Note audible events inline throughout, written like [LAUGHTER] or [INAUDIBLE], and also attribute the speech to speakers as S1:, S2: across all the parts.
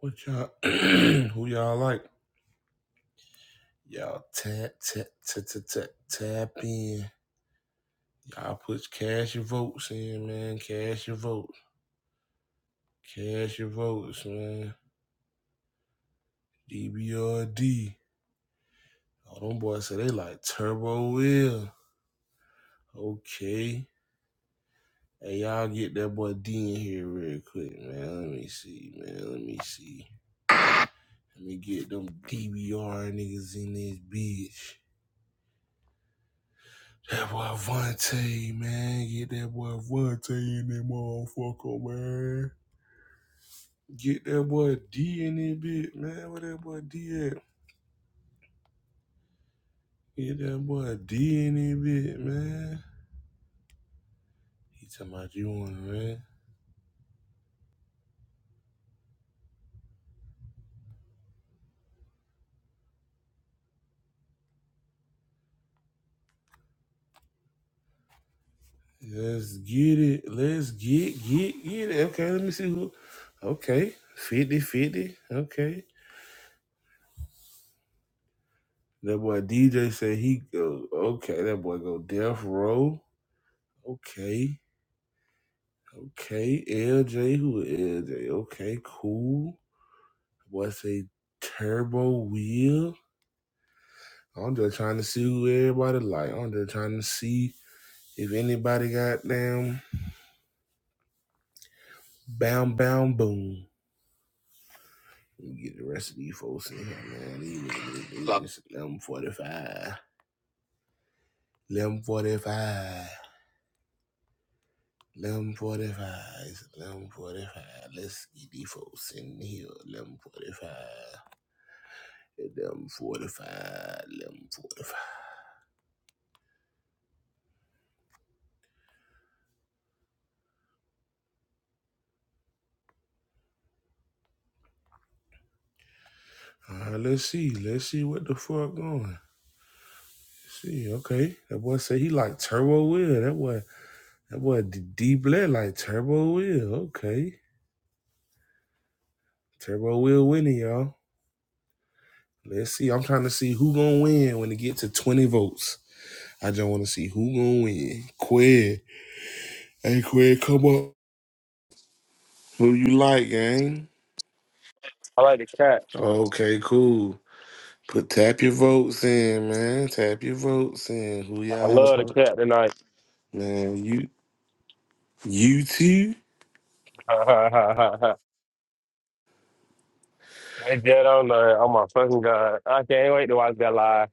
S1: What y'all? [CLEARS THROAT] who y'all like? Y'all tap tap tap tap tap tap in. Y'all put cash your votes in, man. Cash your votes. Cash your votes, man. DBRD. Oh, them boys say they like Turbo Will. Okay. Hey, y'all get that boy D in here real quick, man. Let me see, man. Let me see. Let me get them DBR niggas in this bitch. That boy Vontae, man. Get that boy Vontae in that motherfucker, man. Get that boy D in that bit, man. Where that boy D at? Get that boy D in that bit, man. He talking about you on it, man. Let's get it. Let's get, get, get it. Okay, let me see who. Okay, 50 50. Okay. That boy DJ said he go. Okay, that boy go death row. Okay. Okay, LJ, who is LJ? Okay, cool. What's a turbo wheel? I'm just trying to see who everybody like. I'm just trying to see if anybody got them bound bound boom. Let me Get the rest of these folks in here, man. These niggas- these Look, niggas- Eleven forty-five. Eleven forty-five. Eleven forty-five. It's Eleven forty-five. Let's get these folks in here. Eleven forty-five. Eleven forty-five. Eleven forty-five. Uh, let's see. Let's see what the fuck going. See, okay. That boy say he like turbo wheel. That boy, that boy D, D Blair like turbo wheel. Okay, turbo wheel winning, y'all. Let's see. I'm trying to see who gonna win when it get to 20 votes. I just want to see who gonna win. Quid, hey Quid, come up. Who you like, gang?
S2: I like the cat.
S1: Okay, cool. Put tap your votes in, man. Tap your votes in. Who
S2: I
S1: y'all?
S2: love the
S1: like?
S2: cat tonight.
S1: Man, you you two.
S2: [LAUGHS] they dead on the oh my fucking god. I can't wait to watch that live.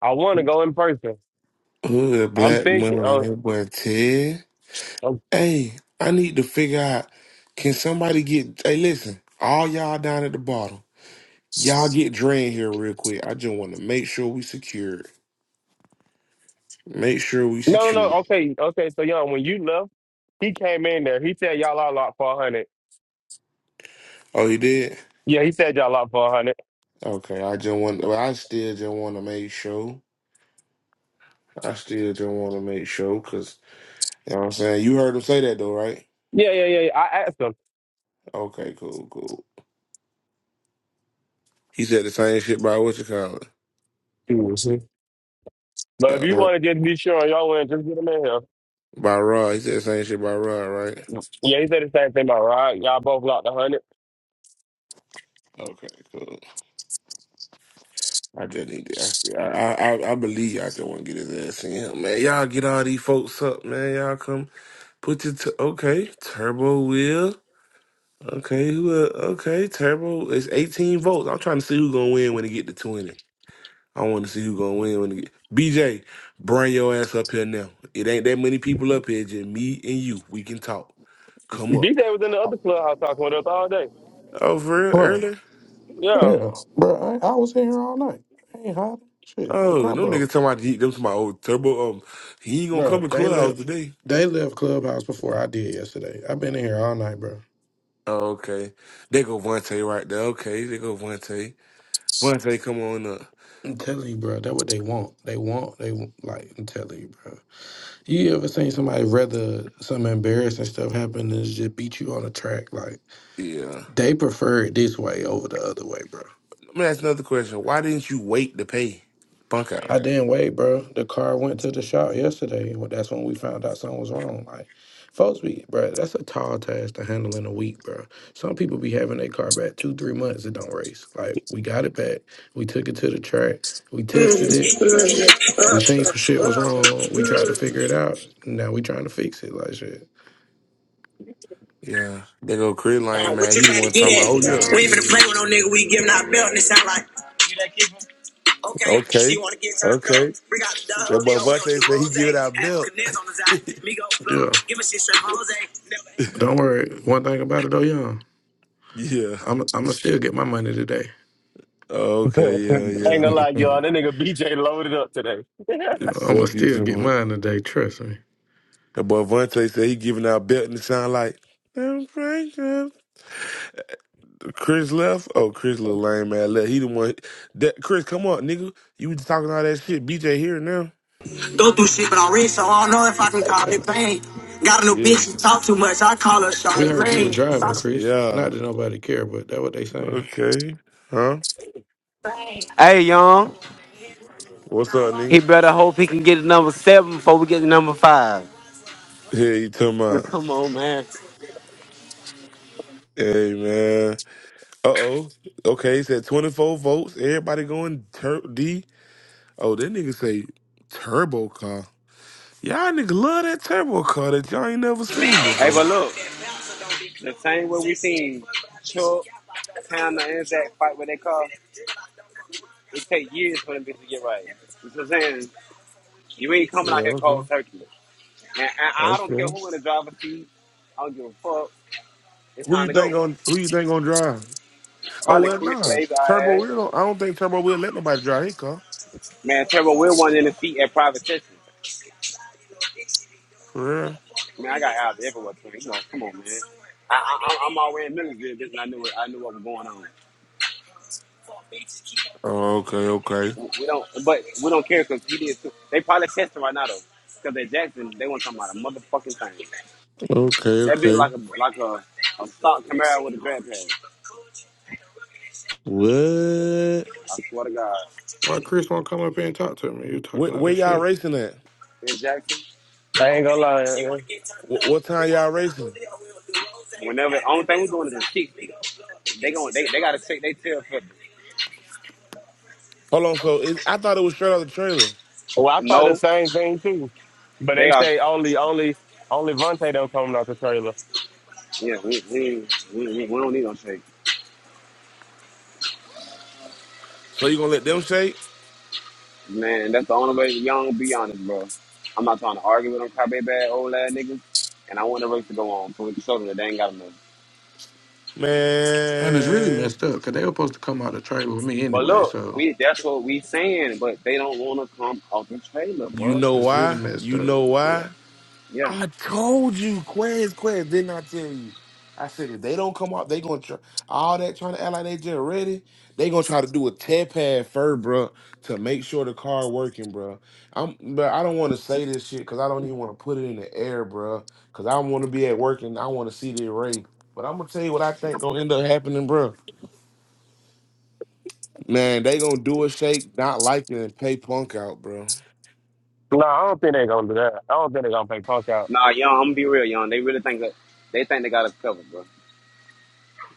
S2: I wanna go in person.
S1: Hood
S2: I'm
S1: black
S2: thinking.
S1: money,
S2: Oh,
S1: that boy Ted.
S2: oh
S1: Hey, I need to figure out can somebody get hey listen, all y'all down at the bottom. Y'all get drained here real quick. I just wanna make sure we secure. it. Make sure we
S2: no no no.
S1: secure. it.
S2: Okay, okay, so young, when you left, he came in there. He said y'all all lot for a hundred.
S1: Oh, you did?
S2: Yeah, he said y'all lot for a hundred.
S1: Okay, I just want well, I still just wanna make sure. I still just wanna make sure cause you know what I'm saying? You heard him say that though, right?
S2: Yeah, yeah, yeah, yeah. I asked him.
S1: Okay, cool, cool. He said the same shit by what you call it?
S2: He was- But if
S1: Uh,
S2: you
S1: Ra-
S2: wanna just be sure on y'all win, just get him in here.
S1: by Rod. He said the same shit by Rod, right?
S2: Yeah, he said the same thing about Rod. Y'all both locked a hundred.
S1: Okay, cool. I just need to. I, see- I, I, I believe y'all still want to get his ass in him, man. Y'all get all these folks up, man. Y'all come put your t- okay turbo wheel. Okay, who? el- Okay, turbo. It's eighteen volts. I'm trying to see who gonna win when it get to twenty. I want to see who gonna win when it get. BJ, bring your ass up here now. It ain't that many people up here. Just me and you. We can talk. Come up.
S2: DJ was in the other clubhouse talking with us all day.
S1: Oh, for real?
S3: Right.
S1: Early?
S2: Yeah.
S3: Yeah. Bro, I, I was in here all night. I ain't hiding. Shit. The
S1: Oh,
S3: car
S1: no
S3: broke.
S1: niggas talking about he- them to my old turbo. Um, he ain't gonna come
S3: Bro,
S1: to
S3: they
S1: clubhouse
S3: left
S1: today.
S3: they left Clubhouse before I did yesterday. I've been in here all night, bro.
S1: Oh, okay. They go Vontae right there. Okay, they go Vontae. Vontae, come on up.
S3: I'm telling you, bro, that's what they want. They want they want, like I'm telling you, bro. You ever seen somebody rather some embarrassing stuff happen than just beat you on the track? Like
S1: Yeah.
S3: they prefer it this way over the other way, bro.
S1: Let me ask another question. Why didn't you wait to pay Punk out?
S3: I didn't wait, bro. The car went to the shop yesterday, and that's when we found out something was wrong. Like, folks be, bro, that's a tall task to handle in a week, bro. Some people be having their car back two, three months. It don't race. Like, we got it back. We took it to the track. We tested it. We seen some shit was wrong. We tried to figure it out. Now we trying to fix it. Like shit.
S1: Yeah. They go Chris
S4: Uh,
S1: Lion,
S4: what
S1: man.
S4: you
S1: He the
S4: trying to
S1: one
S4: get
S1: talking
S4: at?
S1: about, oh, yeah.
S4: We ain't finna play with no nigga. We give him that belt and it sound like, okay, she
S1: Okay.
S4: wanna get turned up.
S1: Okay.
S4: Bring out the Don
S1: That boy
S4: Julio, we don't do
S1: Vontae said he
S4: Rose.
S1: give it out
S4: Having
S1: milk.
S4: Canez on the
S1: [LAUGHS]
S4: side, Migo plug.
S3: Yeah.
S4: Give a shit straight from Jose. Never
S3: Don't worry. One thing about it though, yeah.
S1: yeah.
S3: I'm I'm gonna still get my money today.
S2: [LAUGHS] I
S1: Okay, yeah,
S2: ain't
S1: yeah.
S3: [LAUGHS]
S2: gonna lie,
S3: I'm
S2: y'all. That nigga BJ loaded up today.
S1: Yeah,
S3: gonna
S1: Fuck you
S3: still
S1: too
S3: get
S1: much.
S3: mine today. Trust me.
S1: That boy Vontae said he giving out belt and it sound like, I'm Frank. Chris left. Oh, Chris little lame man left. He the one that Chris, come on, nigga. You was talking all that shit. BJ here now.
S4: Go through shit, but I'm rich, so I don't know if I can call it pain. Got a new
S1: Yeah.
S4: bitch, she talk too much. I call her
S3: We heard you was
S4: Charlemagne.
S3: driving, Chris.
S1: Yeah.
S3: Not that nobody care, but that what they saying.
S1: Okay. Huh?
S4: Hey, young,
S1: What's up,
S4: he
S1: nigga?
S4: better hope he can get to number seven before we get to number five. [LAUGHS]
S1: Yeah, you talking
S4: Well,
S1: about
S4: Come on, man.
S1: Hey man. Uh oh. Okay, he said twenty four votes. Everybody going tur- D. Oh, that nigga say turbo car. Y'all nigga love that turbo car that y'all ain't never seen
S4: Hey, but
S1: before.
S4: look, the same way we seen Chuck. take years for them bitches to get right. You know what I'm saying? You ain't coming
S1: Yeah,
S4: out here
S1: okay.
S4: cold turkey. And, and I don't care
S1: Okay.
S4: who in the driver's seat. I don't give a fuck. It's
S1: Who
S4: time
S1: you
S4: to go.
S1: think on who you think gonna drive? Oh
S4: Probably
S1: well,
S4: Chris
S1: nah.
S4: Lays our
S1: Turbo
S4: ass.
S1: Will. Don't, I don't think Turbo will let nobody drive his car.
S4: Man, Turbo Will one in the seat at private session.
S1: For real.
S4: Man, I got out everywhere. Man. You know, come on, man. I, I, am I'm already in Millersville. Just and I knew it. I knew what was going on.
S1: Oh, okay, okay,
S4: We we don't, but we don't care because he did. Too. They probably testing right now though, because at Jackson they want to talk about a motherfucking thing.
S1: okay,
S4: That be
S1: okay.
S4: like a like a, a stock Camaro with a grab pad.
S1: What?
S4: I swear to God.
S3: Why Chris won't come up here and talk to me? You
S1: Where,
S3: talking all
S1: where
S3: this
S1: y'all
S3: shit.
S1: racing at?
S4: In Jackson.
S2: I ain't
S4: Okay,
S2: gonna lie.
S4: she
S2: uh,
S4: want to get turned
S1: Wh-
S4: up.
S1: what
S4: We
S1: time
S4: got
S1: y'all racing?
S4: the Whenever, only thing we doing is just kick. They going they, they gotta shake their tail for
S1: Hold on. So is I thought it was straight out the trailer.
S2: Well, I thought the
S4: No,
S2: same thing too. But
S4: they
S2: they
S4: are.
S2: say only, only, only Vontae don't coming out the trailer.
S4: Yeah, we, we, we, we, we don't need no shake.
S1: So you gonna let them shake,
S4: Man, that's the only way. Young, be honest, bro. I'm not trying to argue with them crybaby ass old ass niggas, and I want the race to go on so we can show them that they ain't got enough.
S3: And it's really
S1: man?
S3: messed up, because they were supposed to come out the trailer with me
S4: But
S3: anyway,
S4: look,
S3: so
S4: we that's what we saying, but they don't want to come off the trailer,
S1: You
S4: bro.
S1: know
S3: it's really
S1: why?
S3: messed
S1: You
S3: up.
S1: know
S3: But
S1: why?
S4: Yeah,
S1: I told you, Quez, Quez, didn't I tell you? I said if they don't come out, they gonna try all that trying to act like they just ready. They gonna try to do a tear pad first, bro, to make sure the car working, bro. I'm, but I don't want to say this shit because I don't even want to put it in the air, bro. Because I want to be at work and I want to see the array. But I'm gonna tell you what I think gonna end up happening, bro. Man, they gonna do a shake, not like it, and pay punk out, bro.
S2: No, I don't think they gonna do that. I don't think they gonna pay Punk out.
S4: Nah, young, I'm gonna be real, young. They really think that they think they got us covered, bro.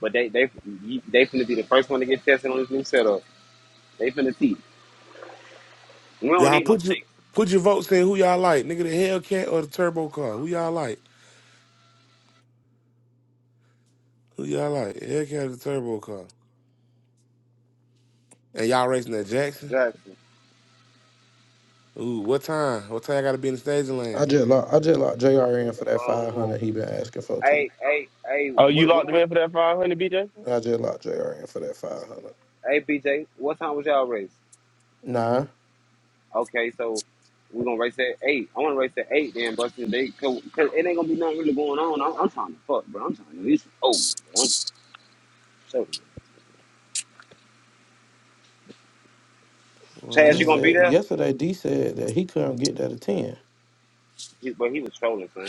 S4: But they they you- they finna be the first one to get tested on this new setup. They finna see. We don't
S1: Y'all
S4: need no
S1: put your
S4: chase.
S1: put your votes in. Who y'all like, nigga? The Hellcat or the Turbo car? Who y'all like? Who y'all like? Hellcat or the turbo car? And y'all racing at Jackson?
S4: Jackson.
S1: Ooh, what time? What time I gotta be in the staging
S3: I
S1: lane?
S3: just locked, I just locked JR in for that
S4: Um.
S3: 500 he been asking for, too.
S4: Hey, hey, hey.
S2: Oh, you
S4: When,
S2: locked
S4: when
S2: him
S4: was?
S2: in for that five hundred, BJ?
S3: I just locked JR in for that 500.
S4: Hey, BJ. What time was y'all race?
S3: Nah.
S4: Okay, so we're gonna race at eight. I wanna race at eight, then, but since they cause, cause it ain't gonna be nothing really going on. I'm, I'm trying to fuck, bro. I'm trying to. It's over. bro. I'm so. Chaz,
S3: D
S4: you gonna
S1: Well,
S4: be
S3: said,
S4: there?
S3: yesterday D said that he couldn't get that a 10.
S4: He, but he was trolling, son.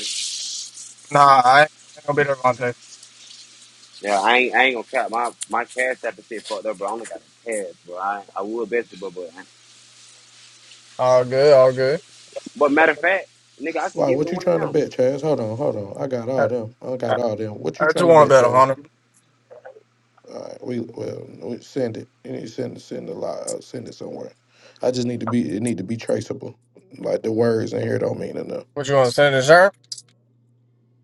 S5: Nah, I ain't gonna bet Devontae.
S4: Yeah, I ain't, I ain't gonna cap. My my cash app is shit fucked up, bro. I only got a cash, bro. I, I would bet you, but but, I-
S5: All good, all good.
S4: but matter of fact, nigga, I can
S3: Why,
S4: give it
S3: what
S4: to
S3: you
S4: one of
S3: trying to
S4: them.
S3: bet, Chaz? Hold on, hold on. I got
S5: I,
S3: all them. I
S5: I,
S3: got all them. What you
S5: I
S3: trying
S5: just
S3: to
S5: want
S3: bet,
S5: to bet
S3: Chaz?
S5: on him.
S3: All right, we well we send it. You need to send send a lot. Uh, send it somewhere. I just need to be. It need to be traceable. Like the words in here don't mean enough.
S5: What you want to send to Sir?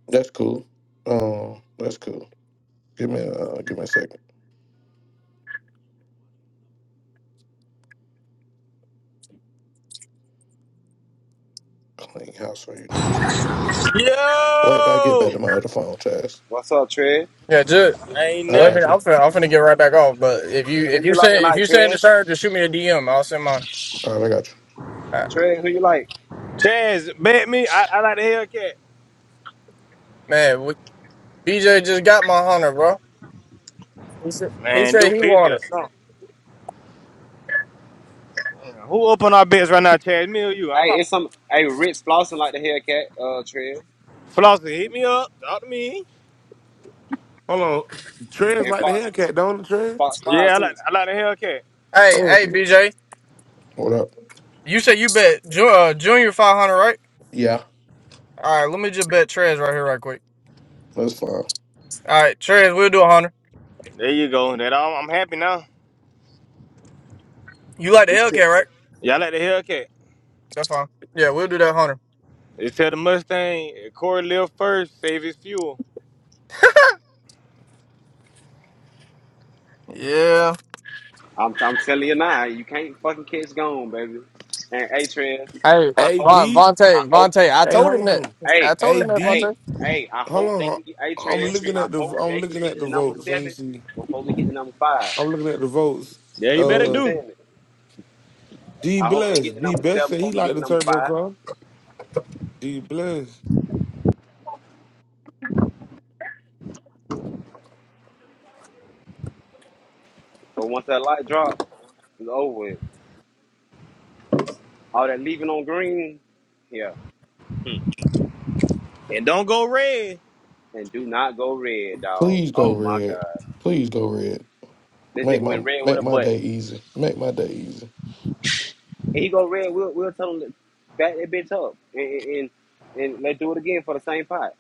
S3: That's cool. Um, that's cool. Give me a uh, give me a second. Clean house for you niggas today. Wait, I get
S6: Yo!
S3: back to my other phone, Chaz.
S4: What's up, Trey?
S5: Yeah, just
S6: Ain't
S3: I
S5: let
S6: nothing.
S5: me.
S3: got you.
S5: I'm finna, I'm finna get right back off. But if you
S4: Who
S5: if you
S4: you like
S5: say if
S4: tonight,
S5: you send to
S4: Trey?
S5: Sir, just shoot me a DM. I'll send mine.
S3: All right, I got you.
S5: Uh,
S4: Trey, who you like?
S6: Chance, bet me. I, I like the Hellcat.
S5: man, we, BJ just got my hunter, bro. He said he
S6: Man, do
S5: said he
S6: 50
S5: wanted.
S6: or something. Who up on our bets right now, Chance? Me or you? I'm
S4: Hey,
S6: probably.
S4: it's some hey Rich Flossin like the Hellcat, uh, Trey,
S6: Flossie, hit me up. Talk to me.
S1: hold on. Trez
S4: and
S1: like the
S4: Fox
S1: Hellcat, don't it, Trez?
S4: Fox Five
S6: Yeah, I like,
S4: too.
S6: I like the Hellcat.
S5: Hey,
S1: Oh,
S5: hey, BJ,
S3: What up?
S5: you said you bet Ju- uh, Junior 500, right?
S3: Yeah,
S5: All right, let me just bet Trez right here, right quick.
S3: that's fine.
S5: All right, Trez, we'll do a hunter.
S6: There you go. That all, I'm happy now.
S5: You like the Hellcat, right?
S6: Y'all like the Hellcat.
S5: That's fine. Yeah, we'll do that hunter.
S6: Just tell the Mustang, if Corey live first, save his fuel.
S5: Yeah.
S4: I'm I'm telling you now, you can't fucking catch gone, baby. And hey, Trey,
S5: Hey,
S4: I
S1: AD.
S4: hope.
S5: Von,
S1: Hey,
S4: I
S5: Vontae,
S4: hope.
S5: Vontae, I told
S1: hold
S5: him that.
S1: on.
S5: I
S4: Hey,
S5: told him that,
S1: AD.
S5: Vontae.
S4: hey, hey, I
S1: Hold
S4: hope they
S1: on.
S4: can get hey
S1: I'm
S4: Trev,
S1: looking
S4: I
S1: at the.
S4: hope
S1: I'm
S4: they can
S1: looking
S4: get
S1: at the
S4: the number
S1: votes. Let me
S4: seven
S1: see.
S4: before we get to number five.
S1: I'm looking at the votes.
S6: Yeah, you
S4: I'm gonna
S6: better
S4: keep
S1: Uh,
S6: do.
S4: saying it.
S1: D
S4: I hope they
S1: Bless.
S4: get the
S1: D
S4: number
S1: Best
S4: seven
S1: said
S4: before
S1: he
S4: we get
S1: liked
S4: to
S1: the
S4: number
S1: turbo
S4: five.
S1: car. D Bless.
S4: But once that light drop, it's over with. All that leaving on green, yeah. Hmm.
S6: And don't go red.
S4: And do not go red, dog.
S3: Please go
S4: Oh my
S3: red.
S4: god.
S3: Please go red.
S4: This
S3: Make
S4: nigga went
S3: my
S4: red with
S3: make
S4: a
S3: my
S4: button.
S3: day easy. Make my day easy.
S4: And he go red, we'll we'll tell him to back that bitch up and and, and and let's do it again for the same pot.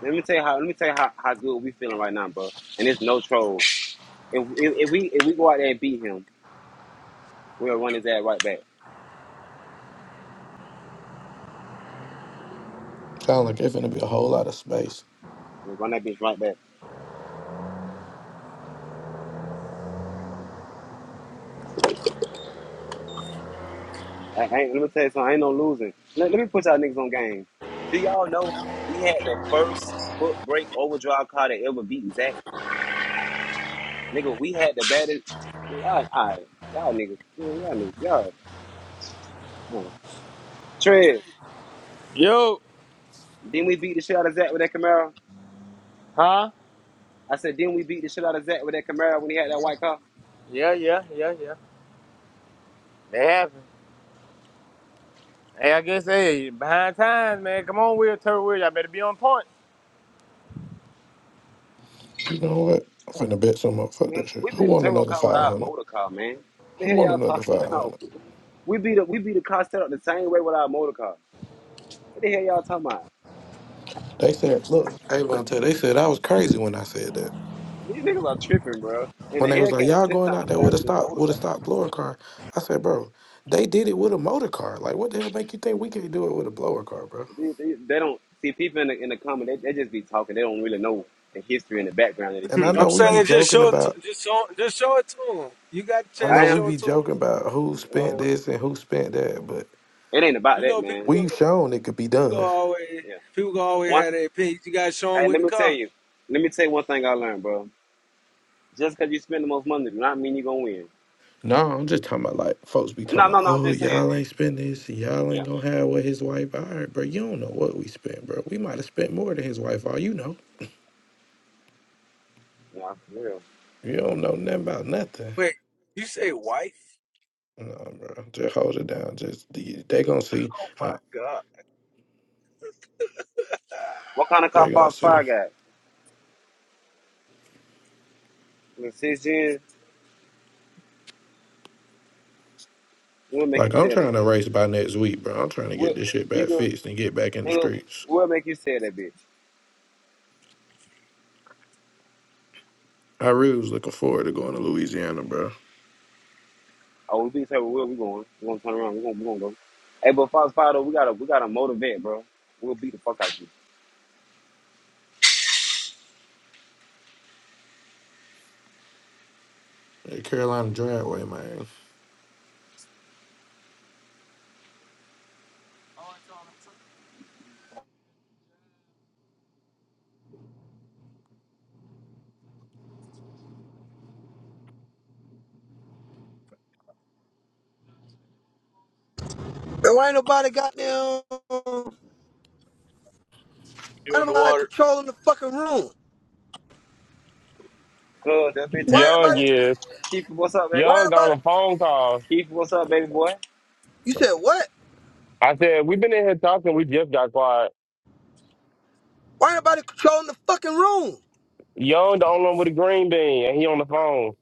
S4: Let me tell you how let me tell you how, how good we feeling right now, bro. And it's no troll. If, if, if we if we go out there and beat him, we'll run his ass right back.
S3: Sound like it's gonna be a whole lot of space.
S4: We'll run that bitch right back. I, I ain't, let me tell you something. I ain't no losing. Let, let me put y'all niggas on game. Do y'all know we had the first foot brake overdrive car that ever beat Zach? Nigga, we had the baddest. Man, Y'all, all right. y'all niggas, man, y'all niggas, y'all. Huh. Trez,
S6: Yo.
S4: didn't we beat the shit out of Zach with that Camaro?
S6: Huh?
S4: I said, didn't we beat the shit out of Zach with that Camaro when he had that white car?
S6: Yeah, yeah, yeah, yeah. They have. Hey, I guess hey, behind times, man. Come on, Will Turtle Will. Y'all better be on point.
S3: You know what? I'm finna bet some up. Fuck
S4: Man,
S3: that shit.
S4: we
S3: Who
S4: beat a
S3: want
S4: turbo
S3: another
S4: car with our
S3: 500?
S4: motor car, man. What The
S3: Who
S4: hell
S3: want
S4: y'all [LAUGHS]
S3: another
S4: talking about?
S3: 500?
S4: We beat a, we beat a car set up the same way with our motor car. What the hell y'all talking about?
S3: They said, look, hey, Vontae, they said I was crazy when I said that.
S4: These niggas are tripping, bro. And the
S3: When they was like,
S4: Hellcat is
S3: y'all
S4: ten
S3: going
S4: times
S3: out there with a
S4: faster than the
S3: stop,
S4: motor
S3: with a
S4: car.
S3: stop blower car. I said, bro, they did it with a motor car. Like, what the hell make you think we can't do it with a blower car, bro?
S4: They, they, they don't see people in the in the comment. They, they just be talking. They don't really know the history and the background of this
S3: And I
S4: shit.
S7: I'm
S3: know we
S4: But
S3: be
S7: saying just
S3: joking
S7: show it to
S3: about,
S7: just show just show it to them. You got the
S3: I
S7: chance
S3: know
S4: I
S7: to
S3: we
S4: am.
S7: show it
S3: be
S7: to them.
S3: joking about who spent
S4: Um,
S3: this and who spent that, but
S4: it ain't about
S7: You
S4: that,
S7: know people
S4: man.
S7: go,
S3: we've shown it could be
S7: go
S3: done.
S7: always
S4: Yeah.
S7: people go always
S4: One.
S7: have their opinions. You got to show them
S4: Hey,
S7: with
S4: let
S7: the
S4: me tell
S7: car.
S4: you. Let me tell you one thing I learned, bro. Just because you spend the most money, do not mean you gonna win.
S3: No, I'm just talking about like folks be
S4: No,
S3: talking about,
S4: no, no. I'm
S3: oh,
S4: just saying.
S3: y'all ain't spend this, and y'all
S4: Yeah.
S3: ain't gonna have what his wife. All right, bro, you don't know what we spent, bro. We might have spent more than his wife. All you know,
S4: Nah, for real.
S3: you don't know nothing about nothing.
S7: Wait, you say wife?
S3: No, bro, just hold it down. Just they they gonna see.
S7: Oh my
S3: Uh,
S7: god!
S4: What
S7: Ah,
S4: kind of
S7: what
S3: they
S4: cop
S7: the?
S3: gonna
S4: Fox
S3: see.
S4: Five got? I mean, six gen. What make
S3: Like
S4: you
S3: I'm
S4: say
S3: trying
S4: that
S3: to
S4: bitch?
S3: race by next week, bro. I'm trying to get
S4: What,
S3: this shit back
S4: nigga,
S3: fixed and get back in the
S4: nigga?
S3: streets.
S4: What make you say that bitch?
S3: I really was looking forward to going to Louisiana, bro.
S4: Oh, we be tell where we going. We gonna turn around. We gonna, we gonna go. Hey, but Fox Five though, we gotta, we gotta motivate, bro. We'll beat the fuck out you.
S3: That Carolina driveway, man.
S8: why ain't nobody got goddamn? Why
S7: You on the
S8: nobody
S7: water?
S8: controlling the fucking room?
S4: Cause that bitch
S8: Why
S4: ass
S8: ain't
S2: Young
S8: nobody?
S4: now.
S2: is
S4: Keith, what's up, baby?
S8: Why
S2: Young
S8: ain't
S2: got
S8: nobody?
S2: on a phone call.
S4: Keith, what's up, baby boy?
S8: You said what?
S2: I said we have been in here talking. We just got quiet.
S8: Why ain't nobody controlling the fucking room?
S2: Young the only one with a green bean, and he on the phone.